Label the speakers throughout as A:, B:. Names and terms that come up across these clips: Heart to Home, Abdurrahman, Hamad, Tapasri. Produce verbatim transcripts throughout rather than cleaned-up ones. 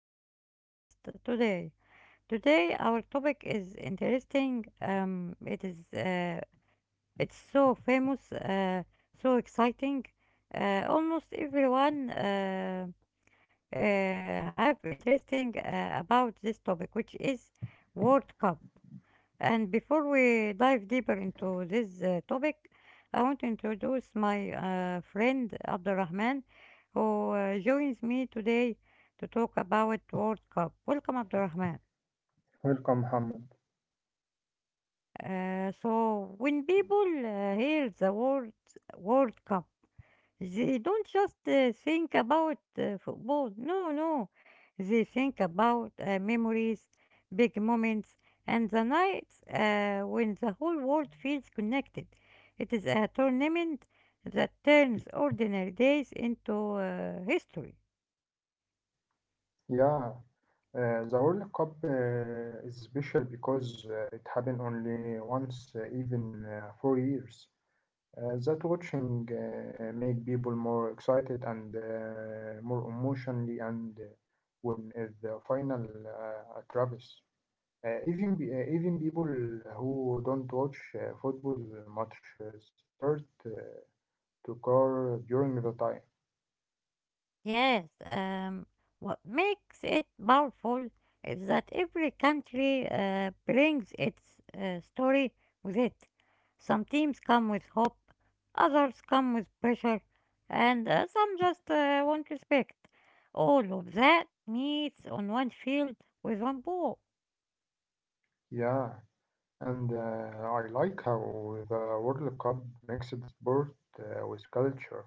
A: to our podcast today. Today our topic is interesting. Um, it is uh, it's so famous, uh, so exciting. Uh, almost everyone uh, uh, have interesting uh, about this topic, which is World Cup. And before we dive deeper into this uh, topic, I want to introduce my uh, friend Abdurrahman, who uh, joins me today to talk about World Cup. Welcome, Abdurrahman.
B: Welcome, Hamad.
A: Uh, so, when people uh, hear the word World Cup, they don't just uh, think about uh, football. No, no. They think about uh, memories, big moments, and the nights uh, when the whole world feels connected. It is a tournament that turns ordinary days into uh, history.
B: Yeah, uh, the World Cup uh, is special because uh, it happened only once, uh, even uh, four years. Uh, that watching uh, make people more excited and uh, more emotionally, and uh, when is the final uh, at Travis. Uh, even be- uh, even people who don't watch uh, football much uh, start uh, to care during the time.
A: Yes, um, what makes it powerful is that every country uh, brings its uh, story with it. Some teams come with hope, others come with pressure, and uh, some just uh, want respect. All of that meets on one field with one ball.
B: Yeah. And uh, I like how the World Cup mixed sport uh, with culture.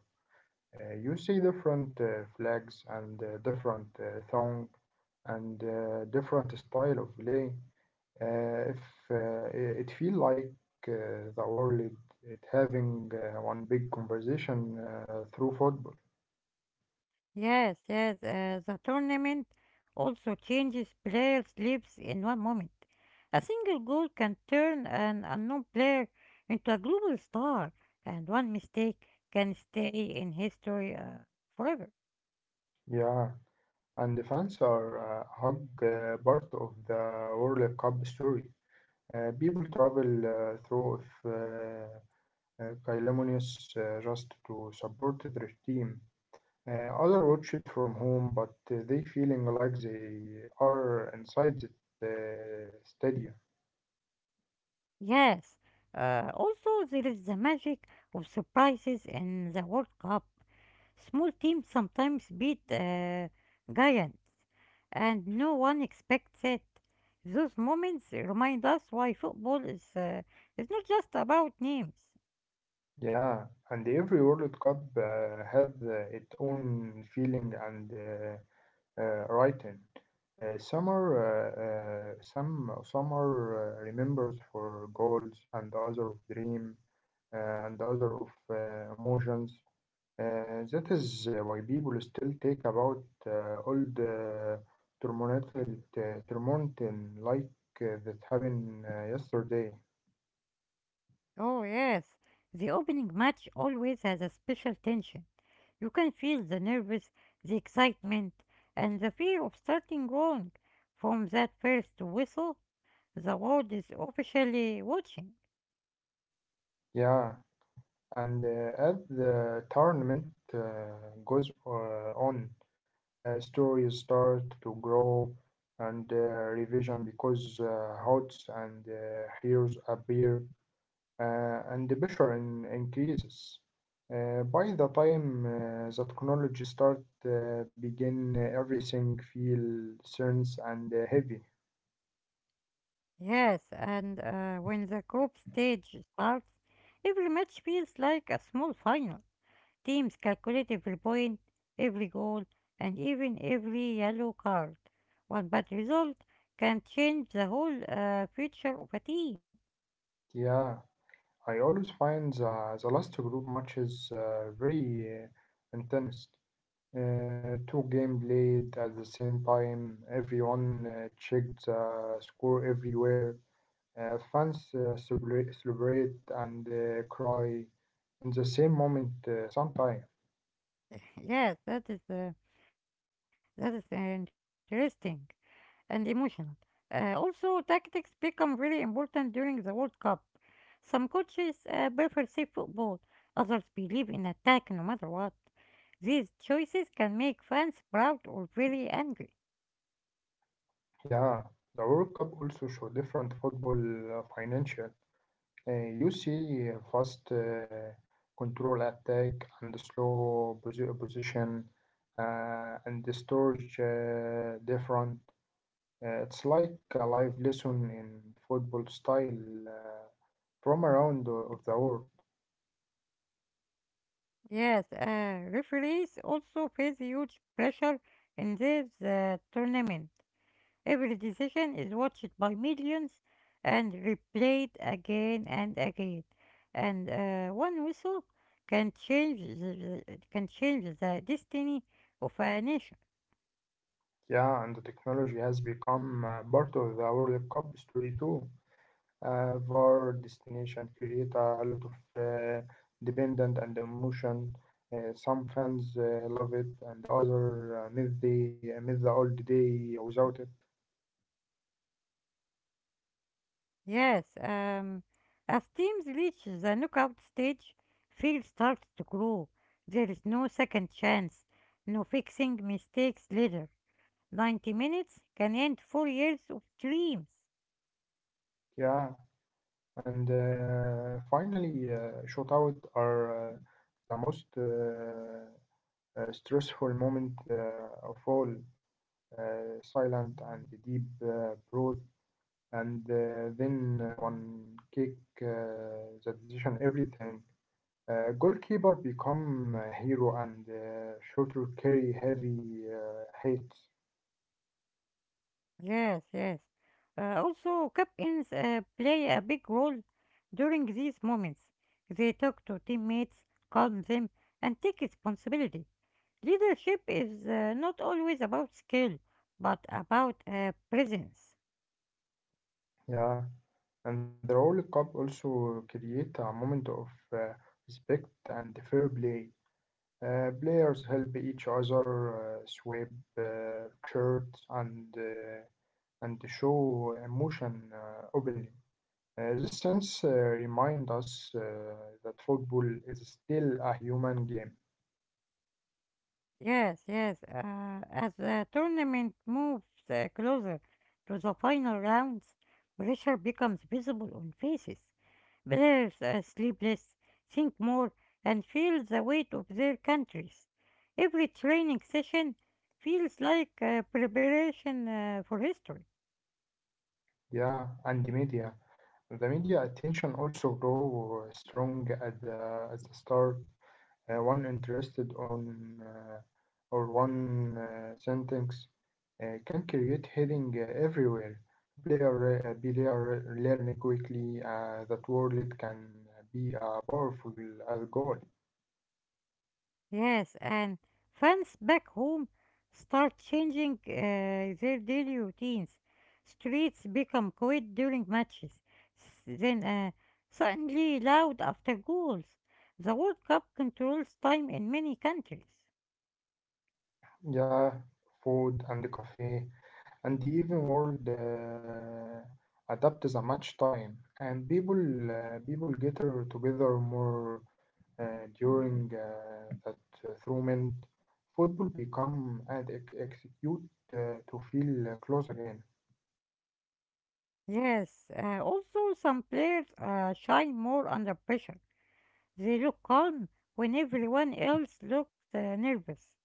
B: Uh, you see different uh, flags and uh, different uh, song and uh, different style of play. Uh, if uh, I- It feel like uh, the world it, it having uh, one big conversation uh, through football.
A: Yes, yes, uh, the tournament also changes player sleeps in one moment. A single goal can turn an unknown player into a global star, and one mistake can stay in history uh, forever.
B: Yeah, and the fans are uh, hug uh, part of the World Cup story. Uh, people travel uh, through if, uh, uh, Kylomnius uh, just to support their team. Uh, others watch it from home, but uh, they feeling like they are inside the uh, stadium.
A: Yes, uh, also there is the magic of surprises in the World Cup. Small teams sometimes beat uh, giants, and no one expects it. Those moments remind us why football is uh, is not just about names.
B: Yeah, and every World Cup uh, has uh, its own feeling and uh, uh, writing. Uh, some are, uh, uh, some, some are uh, remembered for goals, and others of dream, uh, and others of uh, emotions. Uh, that is uh, why people still talk about uh, old uh, Tremonton Tremonton like uh, that happened uh, yesterday.
A: Oh yes, the opening match always has a special tension. You can feel the nervous, the excitement, and the fear of starting wrong. From that first whistle, the world is officially watching.
B: Yeah, and uh, as the tournament uh, goes uh, on, uh, stories start to grow and uh, revision because uh, hearts and uh, heroes appear uh, and the pressure in, increases. Uh, by the time uh, the technology start uh, begin, uh, everything feel tense and uh, heavy.
A: Yes, and uh, when the group stage starts, every match feels like a small final. Teams calculate every point, every goal, and even every yellow card. One bad result can change the whole uh, future of a team.
B: Yeah, I always find the, the last group matches uh, very uh, intense. Uh, two game played at the same time. Everyone uh, checked the score everywhere. Uh, fans uh, celebrate, celebrate and uh, cry in the same moment uh, sometimes.
A: Yes, that is uh, that is uh, interesting and emotional. Uh, also, tactics become very important during the World Cup. Some coaches uh, prefer safe football, others believe in attack no matter what. These choices can make fans proud or very angry.
B: Yeah, the World Cup also show different football uh, financial. Uh, you see uh, fast uh, control attack and slow posi- position uh, and the storage uh, different. Uh, it's like a live lesson in football style uh, from around the- of the world.
A: Yes, uh, referees also face huge pressure in this uh, tournament. Every decision is watched by millions and replayed again and again. And uh, one whistle can change the, the- can change the destiny of a nation.
B: Yeah, and the technology has become uh, part of the World Cup story too. uh, VAR destination create a lot of uh, dependent and emotion. Uh, some fans uh, love it, and the other uh, miss the uh, miss the old day without it.
A: Yes, um, as teams reach the knockout stage, fear starts to grow. There is no second chance, no fixing mistakes later. ninety minutes can end four years of dreams.
B: Yeah, and uh, finally, uh, shootout are uh, the most uh, uh, stressful moment uh, of all. Uh, silent and deep uh, breath, and uh, then uh, one kick uh, the decision everything. Uh, goalkeeper become a hero and uh, shooter carry heavy uh, hate.
A: Yes, yes. Uh, also, captains uh, play a big role during these moments. They talk to teammates, calm them, and take responsibility. Leadership is uh, not always about skill, but about uh, presence.
B: Yeah, and the World Cup also create a moment of uh, respect and fair play. Uh, players help each other, uh, swap uh, shirts, and uh, and show emotion uh, openly. Uh, this sense uh, remind us uh, that football is still a human game.
A: Yes, yes. Uh, as the tournament moves uh, closer to the final rounds, pressure becomes visible on faces. Blurs are sleepless, think more, and feel the weight of their countries. Every training session feels like uh, preparation uh, for history.
B: Yeah, and the media. The media attention also grow strong at the, at the start. Uh, one interested on uh, or one uh, sentence uh, can create heading uh, everywhere. Player uh, player learn quickly uh, that word can be a powerful as goal.
A: Yes, and fans back home start changing uh, their daily routines. Streets become quiet during matches. S- Then uh, suddenly loud after goals. The World Cup controls time in many countries.
B: Yeah, food and cafe. And even world uh, adapts a much time and people uh, people get together more uh, during uh, that uh, tournament football become and ex- execute uh, to feel uh, close again.
A: Yes, uh, also some players uh, shine more under pressure. They look calm when everyone else looks uh, nervous.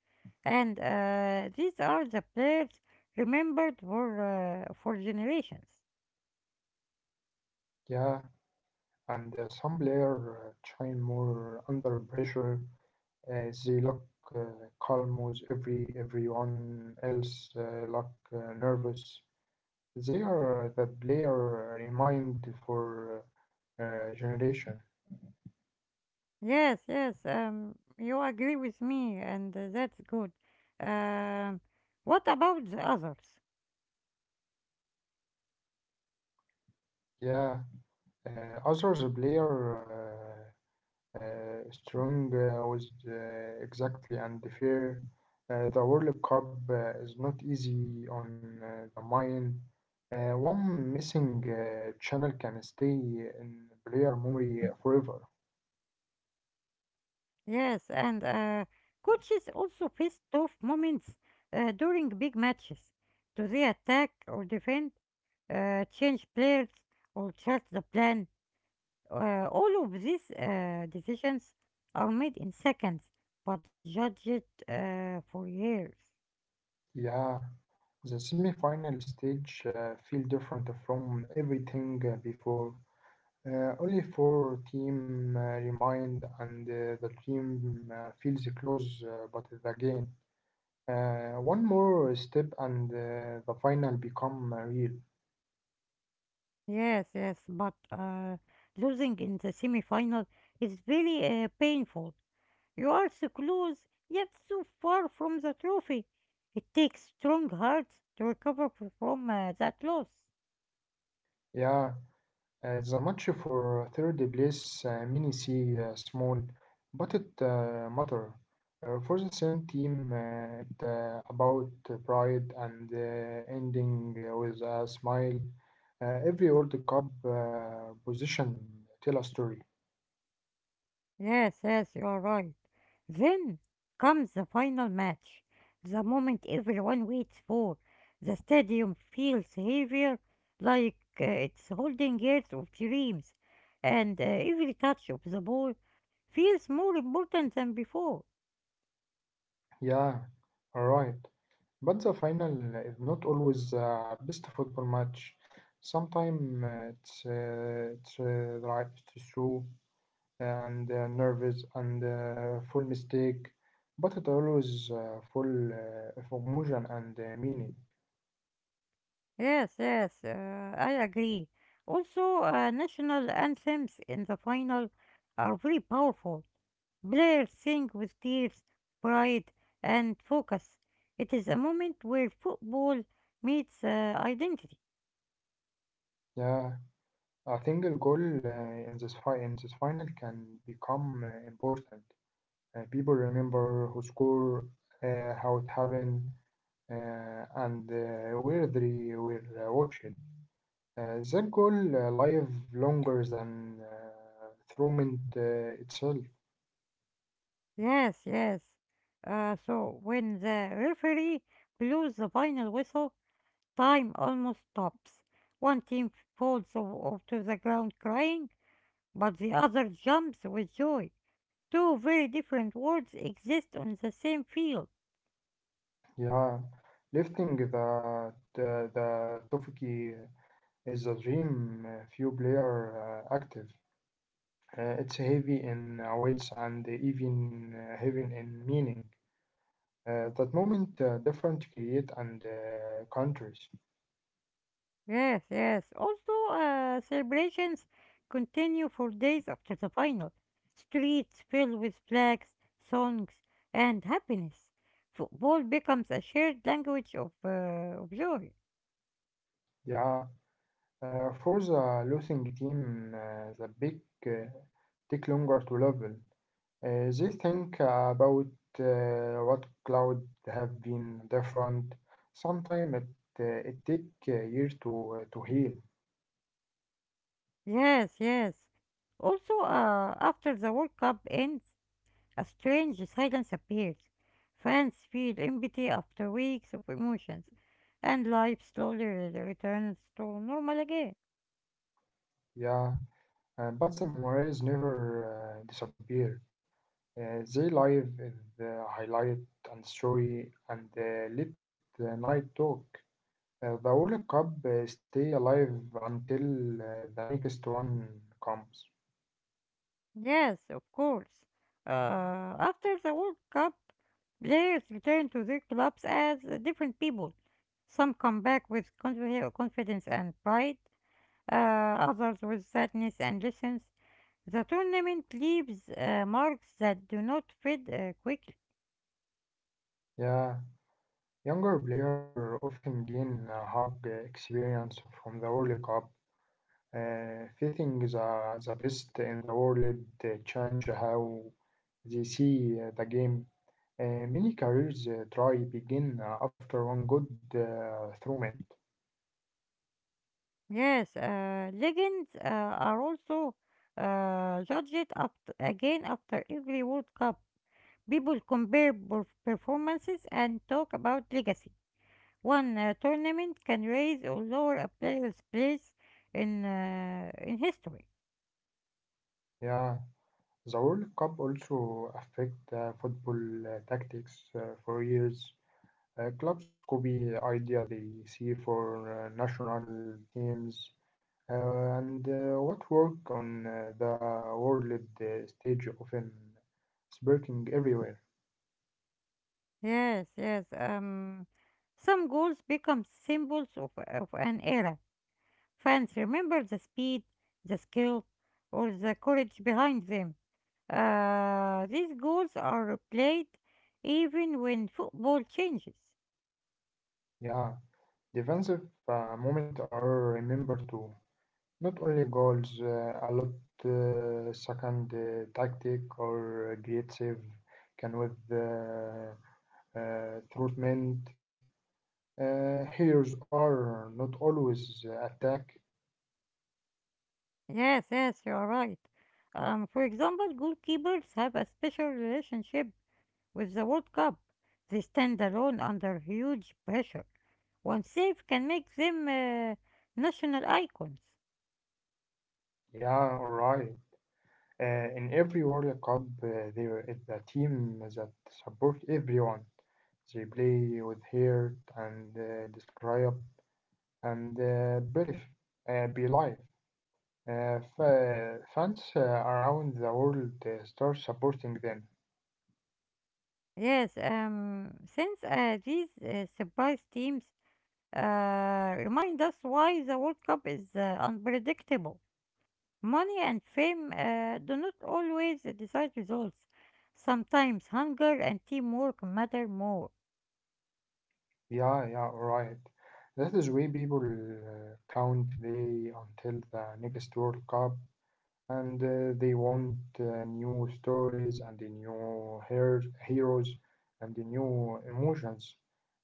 A: And uh, these are the players remembered for, uh, for generations.
B: Yeah, and uh, some player uh, shine more under pressure uh, they look uh, calm with every everyone else uh, look uh, nervous. They are the player remind for uh, uh, generation.
A: Yes, yes, um, you agree with me, and uh, that's good. Um, what about the others?
B: Yeah, uh, others player uh, uh, strong uh, with uh, exactly and fair. Uh, the World Cup uh, is not easy on uh, the mind. Uh, one missing uh, channel can stay in player memory forever.
A: Yes, and uh, coaches also face tough moments uh, during big matches. Do they attack or defend? Uh, change players, or adjust the plan. Uh, all of these uh, decisions are made in seconds, but judged uh, for years.
B: Yeah, the semi-final stage uh, feel different from everything uh, before. Uh, only four team uh, remained, and uh, the team uh, feels close, uh, but is again, uh, one more step, and uh, the final become uh, real.
A: Yes, yes, but uh, losing in the semi-final is very uh, painful. You are so close, yet so far from the trophy. It takes strong hearts to recover f- from uh, that loss.
B: Yeah, uh, the match for third place, uh, many see uh, small, but it uh, matter. Uh, for the same team, uh, it uh, about pride and uh, ending uh, with a smile. Uh, every World Cup uh, position tell a story.
A: Yes, yes, you are right. Then comes the final match, the moment everyone waits for. The stadium feels heavier, like uh, it's holding years of dreams, and uh, every touch of the ball feels more important than before.
B: Yeah, right. But the final is not always uh, best football match. Sometimes uh, it's uh, it's uh, right to show and uh, nervous and uh, full mistake, but it always uh, full uh, of emotion and uh, meaning.
A: Yes, yes, uh, I agree. Also, uh, national anthems in the final are very powerful. Blair sings with tears, pride, and focus. It is a moment where football meets uh, identity.
B: Yeah, a single goal uh, in this fi- in this final can become uh, important. Uh, people remember who scored, uh, how it happened, uh, and uh, where they were uh, watched. Uh, that goal uh, live longer than uh, Thurmond uh, itself.
A: Yes, yes. Uh, so when the referee blows the final whistle, time almost stops. One team falls o- to the ground crying, but the other jumps with joy. Two very different worlds exist on the same field.
B: Yeah, lifting the the, the Toffiki is a dream. Uh, few player uh, active. Uh, it's heavy in uh, weights and even uh, heavy in meaning. Uh, that moment uh, different create and uh, countries.
A: Yes, yes. Also, uh, celebrations continue for days after the final. Streets fill with flags, songs, and happiness. Football becomes a shared language of, uh, of joy.
B: Yeah. Uh, for the losing team, uh, the big uh, take longer to level. Uh, they think about uh, what cloud have been different. Sometimes it uh, it take uh, years to uh, to heal.
A: Yes, yes. Also, uh, after the World Cup ends, a strange silence appears. Fans feel empty after weeks of emotions, and life slowly re- returns to normal again.
B: Yeah, uh, but the memories never uh, disappear. Uh, they live in the highlight and story and uh, let the night talk. Uh, the World Cup uh, stay alive until uh, the next one comes.
A: Yes, of course. Uh, After the World Cup, players return to their clubs as uh, different people. Some come back with confi- confidence and pride, uh, others with sadness and lessons. The tournament leaves uh, marks that do not fade uh, quickly.
B: Yeah, younger players often gain a hard experience from the World Cup. Uh, fitting the, the best in the world uh, change how they see uh, the game. Uh, many careers uh, try begin uh, after one good uh, tournament.
A: Yes, uh, legends uh, are also uh, judged up again after every World Cup. People compare perf- performances and talk about legacy. One uh, tournament can raise or lower a player's place in uh, in history.
B: Yeah, the World Cup also affect uh, football uh, tactics uh, for years. Uh, clubs copy idea they see for uh, national teams. Uh, and uh, what work on uh, the world uh, stage often sparking everywhere.
A: Yes, yes. Um, some goals become symbols of, of an era. Fans remember the speed, the skill, or the courage behind them. Uh, these goals are played even when football changes.
B: Yeah, defensive uh, moments are remembered too. Not only goals, uh, a lot uh, second uh, tactic or a great save can with uh, uh, treatment. Uh, heroes are not always attack.
A: Yes, yes, you are right. Um, for example, goalkeepers have a special relationship with the World Cup. They stand alone under huge pressure. One save can make them uh, national icons.
B: Yeah, alright. Uh, in every World Cup, uh, there is a team that support everyone. They play with heart and uh, describe and uh, belief, uh, belief. Uh, fa- fans uh, around the world uh, start supporting them.
A: Yes, um, since uh, these uh, surprise teams uh, remind us why the World Cup is uh, unpredictable. Money and fame uh, do not always decide results. Sometimes hunger and teamwork matter more.
B: Yeah, yeah, right. That is why people uh, count day until the next World Cup and uh, they want uh, new stories and the new her- heroes and the new emotions.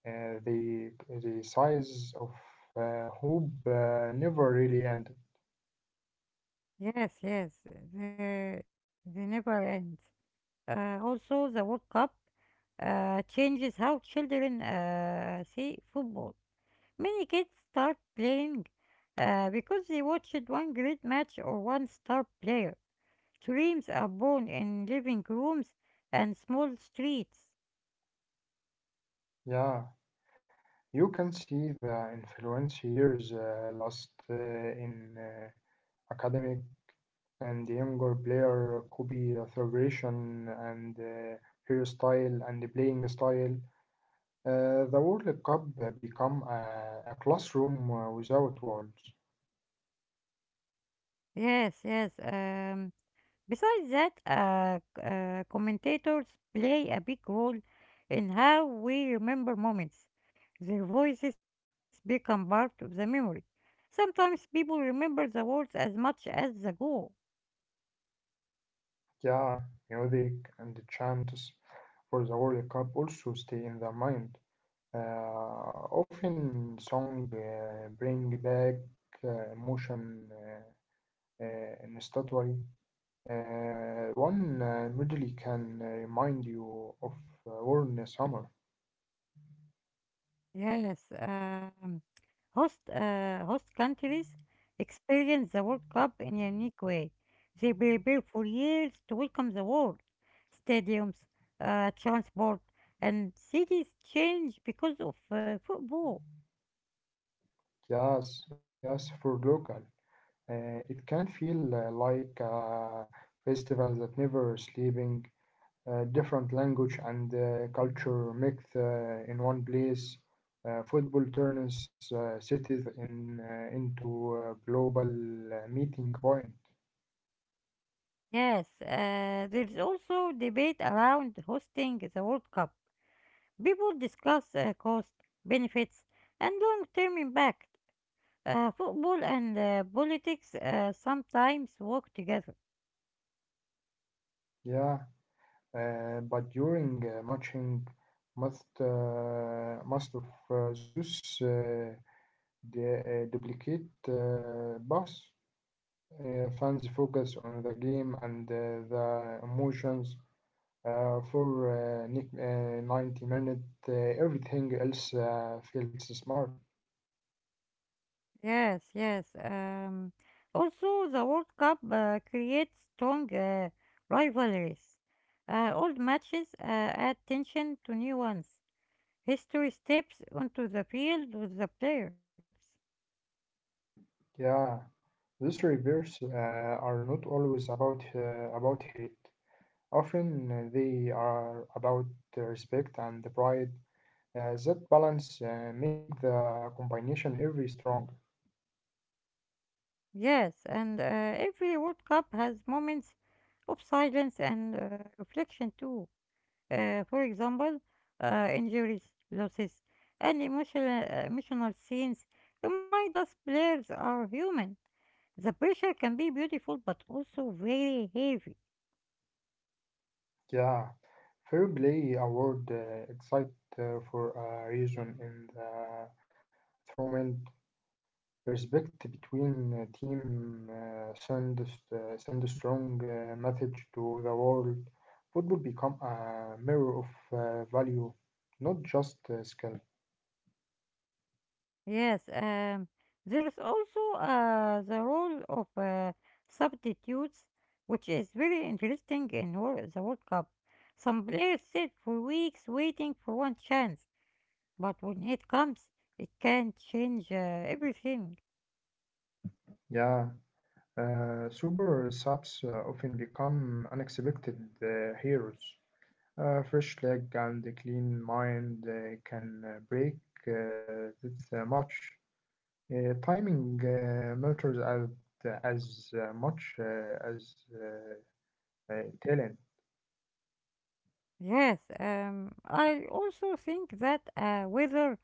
B: Uh, the the size of uh, hope uh, never really ended.
A: Yes, yes, they, they never end. Uh, also, the World Cup uh, changes how children uh, see football. Many kids start playing uh, because they watched one great match or one star player. Dreams are born in living rooms and small streets.
B: Yeah, you can see the influence years uh, lost uh, in uh, academic and the younger player copy celebration and uh, hero style and the playing style. Uh, the World Cup become a, a classroom uh, without walls.
A: Yes, yes. Um, besides that, uh, c- uh, commentators play a big role in how we remember moments. Their voices become part of the memory. Sometimes people remember the words as much as the goal.
B: Yeah, music and the chants for the World Cup also stay in the mind. Uh, often song uh, bring back uh, emotion. Uh, uh, in Uh, one uh, melody can uh, remind you of uh, warm summer.
A: Yes, um, host, uh, host countries experience the World Cup in a unique way. They prepare for years to welcome the world. Stadiums, uh, transport, and cities change because of uh, football.
B: Yes, yes, for local. Uh, it can feel uh, like a festival that never sleeping. Uh, different language and uh, culture mixed uh, in one place. Uh, football turns uh, cities in, uh, into a global uh, meeting point.
A: Yes, uh, there's also debate around hosting the World Cup. People discuss uh, cost, benefits, and long term impact. Uh, football and uh, politics uh, sometimes work together.
B: Yeah, uh, but during uh, matching, most uh, most of uh, those uh, the uh, duplicate uh, bus. Uh, fans focus on the game and uh, the emotions uh, for uh, nic- uh, ninety minutes. Uh, everything else uh, feels smart.
A: Yes, yes. Um, also, the World Cup uh, creates strong uh, rivalries. Uh, old matches uh, add tension to new ones. History steps onto the field with the players.
B: Yeah, these reverse uh, are not always about uh, about hate. Often uh, they are about the respect and the pride. Uh, that balance uh, make the combination every strong.
A: Yes, and uh, every World Cup has moments of silence and uh, reflection too. Uh, for example, uh, injuries, losses, and emotional, uh, emotional scenes remind us players are human. The pressure can be beautiful but also very heavy.
B: Yeah, fair play award uh, excited uh, for a reason in the. From a respect between uh, team uh, send uh, send a strong uh, message to the world. Football become a mirror of uh, value, not just uh, skill.
A: Yes, um, there is also uh, the role of uh, substitutes, which is very interesting in Wor- the World Cup. Some players sit for weeks waiting for one chance, but when it comes, it can change uh, everything.
B: Yeah, uh, super subs uh, often become unexpected uh, heroes. Uh, fresh leg and a clean mind uh, can uh, break uh, this uh, match. Uh, timing uh, matters as as uh, much uh, as uh, uh, talent.
A: Yes, um, I also think that uh, weather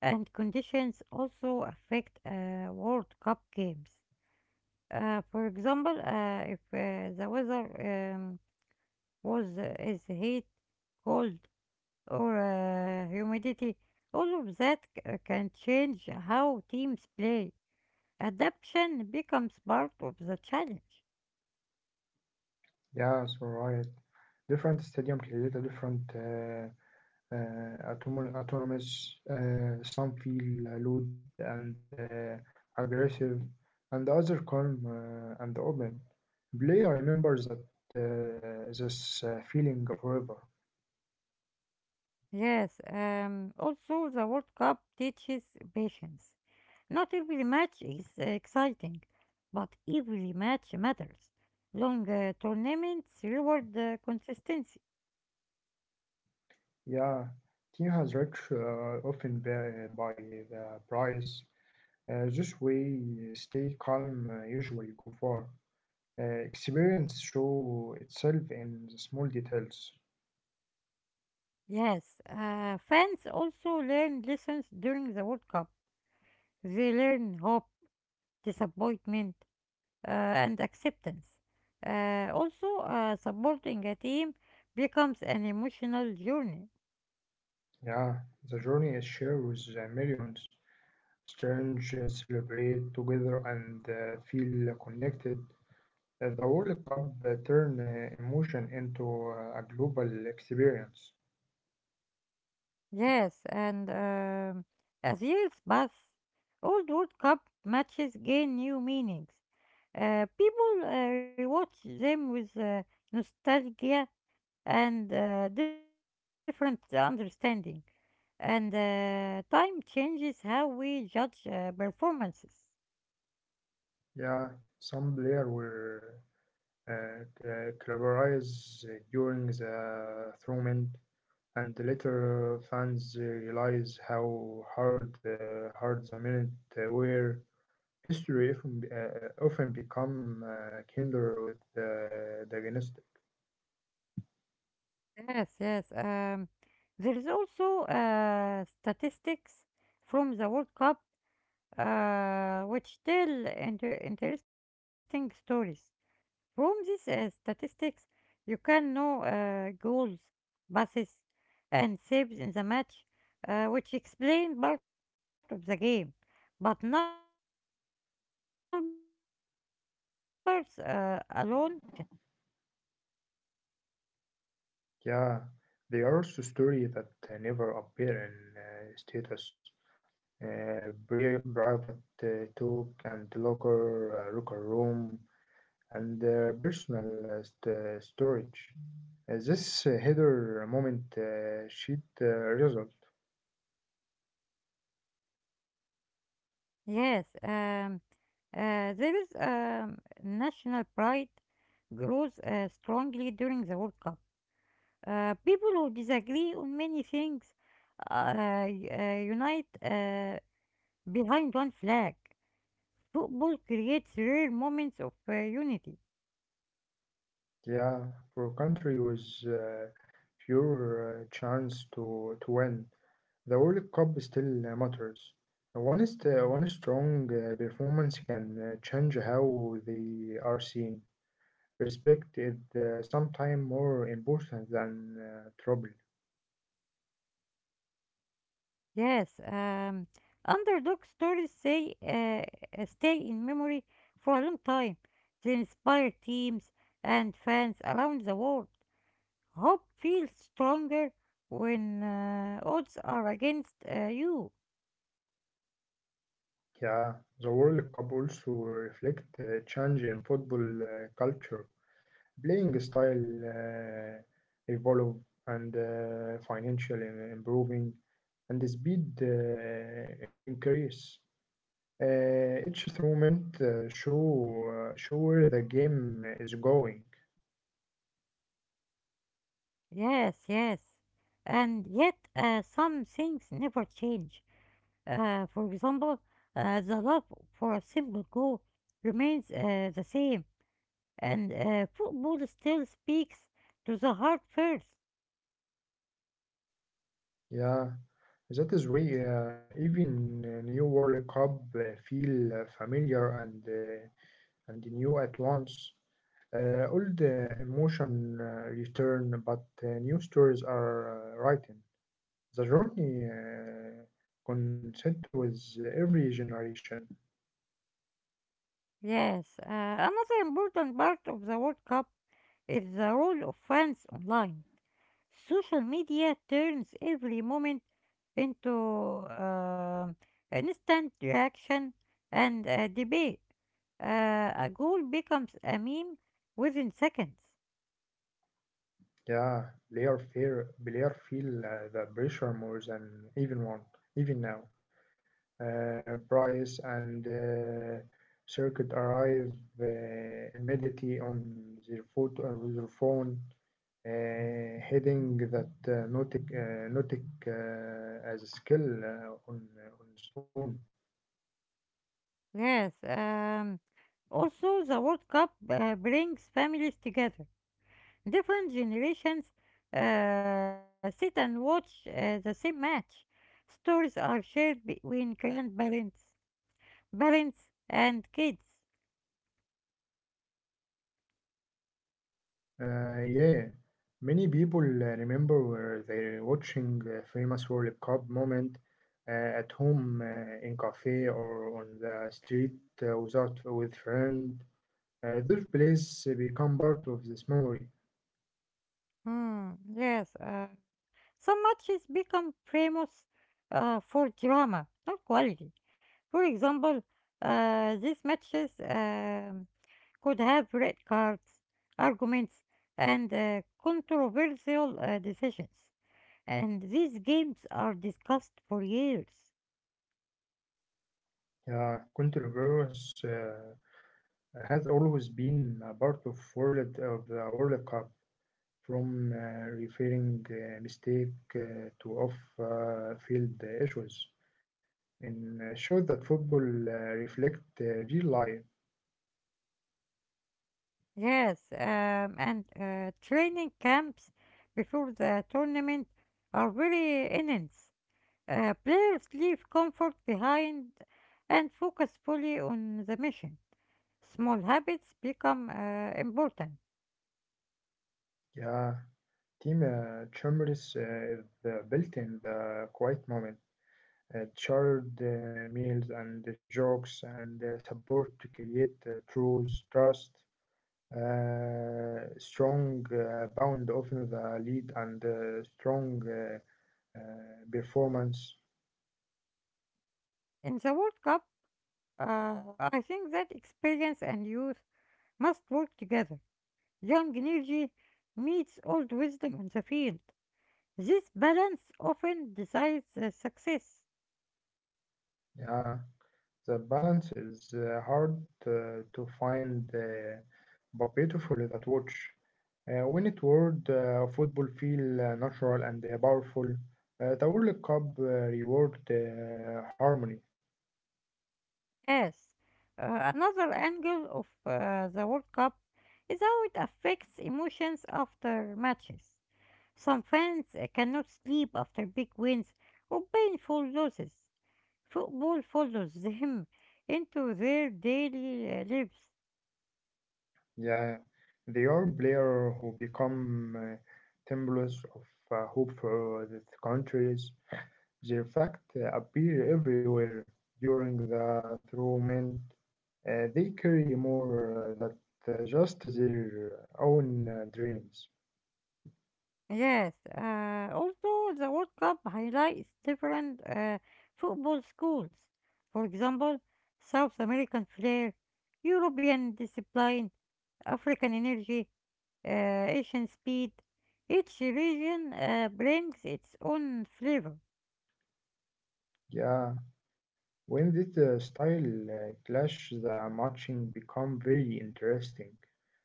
A: and conditions also affect uh, World Cup games. Uh, for example, uh, if uh, the weather um, was uh, is heat, cold, or uh, humidity, all of that c- uh, can change how teams play. Adaptation becomes part of the challenge.
B: Yeah, so right. Different stadium create a different uh, uh, autonom- autonomous. Uh, some feel loud and uh, aggressive, and the other calm uh, and open. Player remembers that uh, this uh, feeling forever.
A: Yes, um, also the World Cup teaches patience. Not every match is uh, exciting, but every match matters. Long uh, tournaments reward uh, consistency.
B: Yeah, team has reached uh, often by, by the price. Uh, this way, stay calm uh, usually go far. Uh, experience show itself in the small details.
A: Yes, uh, fans also learn lessons during the World Cup. They learn hope, disappointment, uh, and acceptance. Uh, also, uh, supporting a team becomes an emotional journey.
B: Yeah, the journey is shared with the millions. Strange uh, celebrate together and uh, feel connected. Uh, the World Cup uh, turn uh, emotion into uh, a global experience.
A: Yes, and um as years pass, old World Cup matches gain new meanings. Uh, people uh, rewatch them with uh, nostalgia and uh, different understanding, and uh, time changes how we judge uh, performances.
B: Yeah, some player were uh, uh, collaborates during the tournament. and later fans realize how hard uh, hard the minute uh, were. History often, be- uh, uh, often become uh, kinder with uh, the dynastic.
A: Yes, yes. Um, there is also uh, statistics from the World Cup uh, which tell inter- interesting stories. From these uh, statistics, you can know uh, goals, passes, and saves in the match, uh, which explain part of the game. But numbers uh, alone never fully explain emotions.
B: Yeah, they are also story that uh, never appear in uh, status. Uh, pri- private uh, talk and locker, uh, locker room and uh, personal uh, st- uh, storage. Uh, this uh, header moment uh, sheet uh, result.
A: Yes, um, uh, there is um, national pride grows uh, strongly during the World Cup. Uh, people who disagree on many things uh, y- uh, unite uh, behind one flag. Football creates rare moments of uh, unity.
B: Yeah, for country was uh, pure uh, chance to to win. The World Cup still uh, matters. One is one strong uh, performance can uh, change how they are seen. Respect is uh, sometimes more important than uh, trouble.
A: Yes, um, underdog stories say uh, uh, stay in memory for a long time. They inspire teams and fans around the world. Hope feels stronger when uh, odds are against uh, you.
B: Yeah, the World Cup also reflect uh, change in football uh, culture. Playing style uh, evolve and uh, financial im- improving. And the speed uh, increase. Uh, each throw meant uh, show uh, show where the game is going.
A: Yes, yes. And yet, uh, some things never change. Uh, for example, uh, the love for a simple goal remains uh, the same and uh, football still speaks to the heart first.
B: Yeah, that is why uh, even uh, new World Cup uh, feel uh, familiar and uh, and new at once. Uh, all the emotion uh, return, but uh, new stories are uh, written. The journey uh, consent with every generation.
A: Yes, uh, another important part of the World Cup is the role of fans online. Social media turns every moment into um instant reaction and uh, debate. Uh, a goal becomes a meme within seconds.
B: Yeah, player fear player feel uh, the pressure more than even one even now. Uh, Bryce and uh, Circuit arrive uh, immediately on their foot on their phone, uh, heading that uh, Nautic uh, Nautic uh, as a skill uh, on uh, on its own.
A: Yes, um, also the World Cup uh, brings families together. Different generations uh, sit and watch uh, the same match. Stories are shared between grandparents, parents, and kids.
B: Uh, yeah, many people uh, remember where they're watching a famous World Cup moment uh, at home uh, in cafe or on the street uh, without with friend. Uh, those plays become part of this memory.
A: Hmm, yes, uh, some matches become famous uh, for drama, not quality. For example, uh, these matches um, could have red cards, arguments, and uh, controversial uh, decisions. And these games are discussed for years.
B: Uh, Contreras uh, has always been a part of world of the World Cup, from uh, referring uh, mistake uh, to off-field issues. And shows that football uh, reflect uh, real life.
A: Yes, um, and uh, training camps before the tournament are very intense. Uh, players leave comfort behind and focus fully on the mission. Small habits become uh, important.
B: Yeah, team uh, chambers uh, is uh, built in the quiet moment. Uh, shared uh, meals and the jokes and uh, support to create uh, truth, trust, uh, strong uh, bound often the lead and uh, strong uh, uh, performance.
A: In the World Cup, uh, I think that experience and youth must work together. Young energy meets old wisdom on the field. This balance often decides the success.
B: Yeah, the balance is uh, hard uh, to find, uh, but beautiful that watch. Uh, when it world, uh, football feel uh, natural and uh, powerful. Uh, the World Cup uh, reward uh, harmony.
A: Yes, uh, another angle of uh, the World Cup is how it affects emotions after matches. Some fans uh, cannot sleep after big wins or painful losses. Football follows them into their daily uh, lives.
B: Yeah, they are players who become uh, symbols of uh, hope for the countries. Their fact uh, appear everywhere during the tournament. Uh, they carry more uh, that uh, just their own uh, dreams.
A: Yes, uh, also the World Cup highlights different uh, football schools. For example, South American flair, European discipline, African energy, uh, Asian speed. Each region uh, brings its own flavor.
B: Yeah. When this uh, style uh, clash, the matching become very interesting.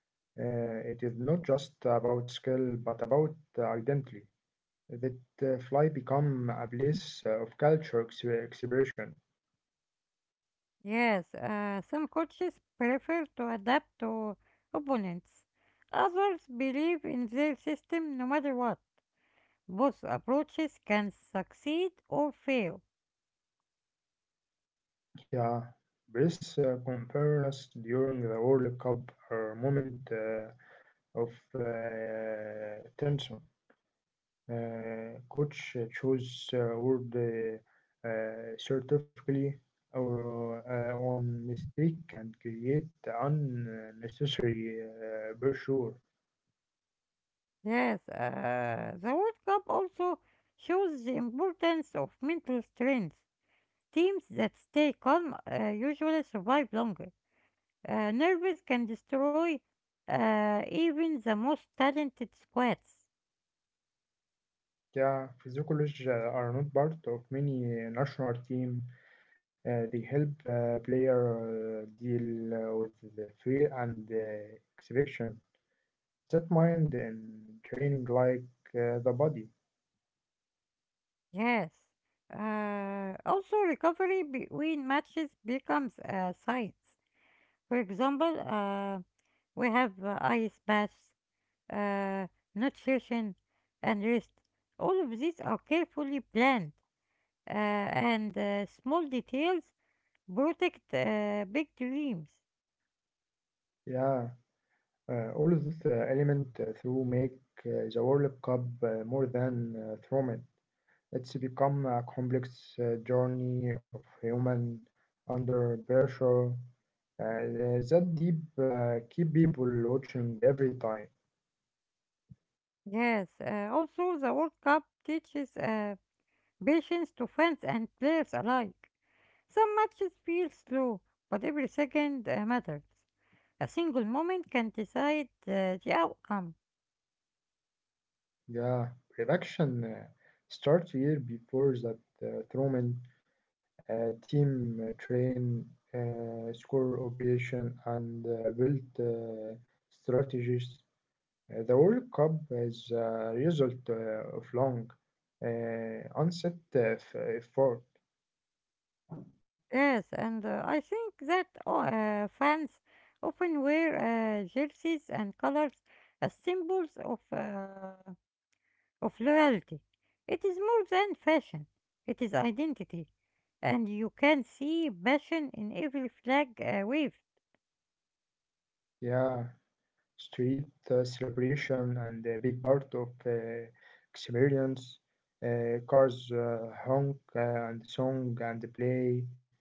B: Uh, it is not just about skill, but about uh, identity. That uh, fly become a place uh, of culture ex- expression.
A: Yes, uh, some coaches prefer to adapt to opponents. Others believe in their system no matter what. Both approaches can succeed or fail.
B: Yeah, this uh, conference during the World Cup are moment uh, of uh, tension. Uh, coach uh, chose uh, word uh, uh, certificately or uh, on mistake and create unnecessary uh, pressure.
A: Yes, uh, the World Cup also shows the importance of mental strength. Teams that stay calm uh, usually survive longer. Uh, nerves can destroy uh, even the most talented squads.
B: Yeah, physiologists uh, are not part of many uh, national team. Uh, they help uh, player uh, deal uh, with the fear and uh, exhibition. That mind and training like uh, the body.
A: Yes. Uh, also, recovery between matches becomes a science. For example, uh, we have uh, ice baths, uh, nutrition, and rest. All of these are carefully planned, uh, and uh, small details protect uh, big dreams.
B: Yeah. Uh, all of this uh, element uh, through make uh, the World Cup uh, more than uh, tournament. It's become a complex uh, journey of human under pressure uh, uh, that deep uh, keep people watching every time.
A: Yes, uh, also the World Cup teaches uh, patience to fans and players alike. Some matches feel slow, but every second uh, matters. A single moment can decide uh, the outcome.
B: The production uh, starts year before that uh, tournament. Uh, team uh, train, uh, score operation, and uh, build uh, strategies. Uh, The World Cup is a result uh, of long, uh, onset uh, f- uh, effort.
A: Yes, and uh, I think that uh, fans often wear uh, jerseys and colors as symbols of, uh, of loyalty. It is more than fashion, it is identity, and you can see passion in every flag uh, wave.
B: Yeah, street uh, celebration, and a big part of uh, experience. Uh, cars uh, honk uh, and song and play,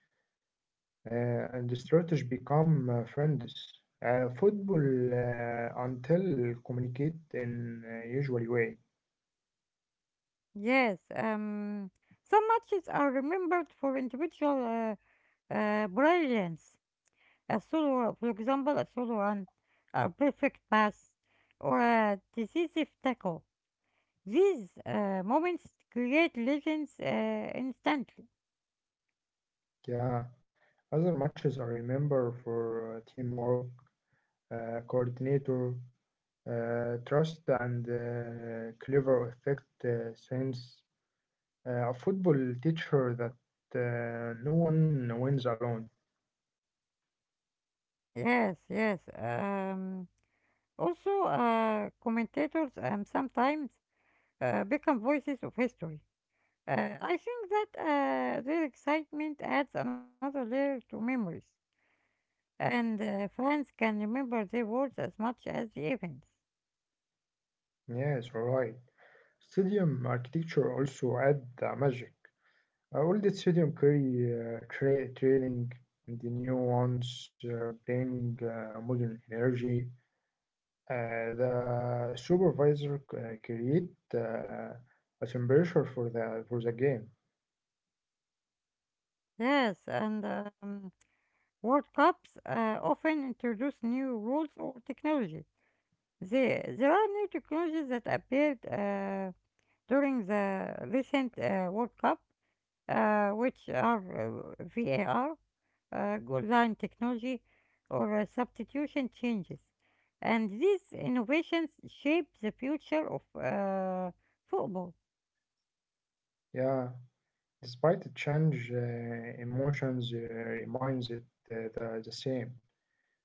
B: uh, and the strategy become uh, friends. Uh, football uh, until communicate in a usual way.
A: Yes, um, some matches are remembered for individual uh, uh, brilliance. A solo, for example, a solo run, a perfect pass, or a decisive tackle. These uh, moments create legends uh, instantly.
B: Yeah, other matches I remember for uh, teamwork uh, coordinator, uh, trust, and uh, clever effect uh, sense. Uh, a football teacher that uh, no one wins alone.
A: Yes, yes. Um, also, uh, commentators um, sometimes uh, become voices of history. Uh, I think that uh, their excitement adds another layer to memories, and uh, fans can remember their words as much as the events.
B: Yes, right. Stadium architecture also add the magic. Uh, old stadium carry uh, tra- training, and the new ones uh, bring uh, modern energy. Uh, the supervisor uh, create uh, a temperature for the for the game.
A: Yes, and um, World Cups uh, often introduce new rules or technology. There, there are new technologies that appeared uh, during the recent uh, World Cup, uh, which are uh, V A R, uh, goal line technology, or uh, substitution changes. And these innovations shape the future of uh, football.
B: Yeah, despite the change, uh, emotions uh, remains it uh, the, the same.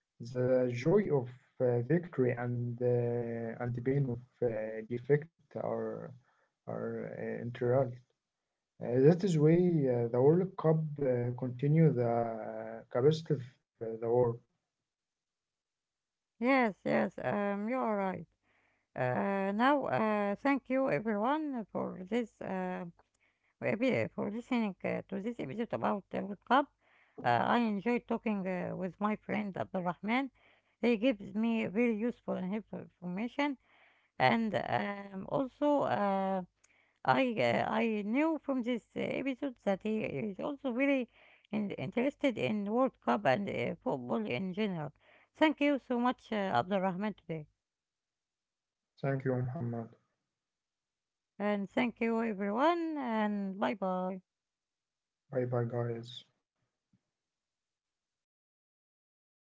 B: The joy of uh, victory and uh, and the pain of uh, defeat are are uh, integral. Uh, that is why uh, the World Cup uh, continue the uh, capacity of uh, the world.
A: Yes, yes, um, you are right. Uh, now, uh, thank you everyone for this uh, epi- for listening uh, to this episode about the World Cup. Uh, I enjoyed talking uh, with my friend Abdulrahman. He gives me very useful and helpful information, and um, also uh, I uh, I knew from this uh, episode that he is also very in- interested in World Cup and uh, football in general. Thank you so much, uh, Abdulrahman, today.
B: Thank you, Muhammad.
A: And thank you, everyone, and bye bye.
B: Bye bye, guys.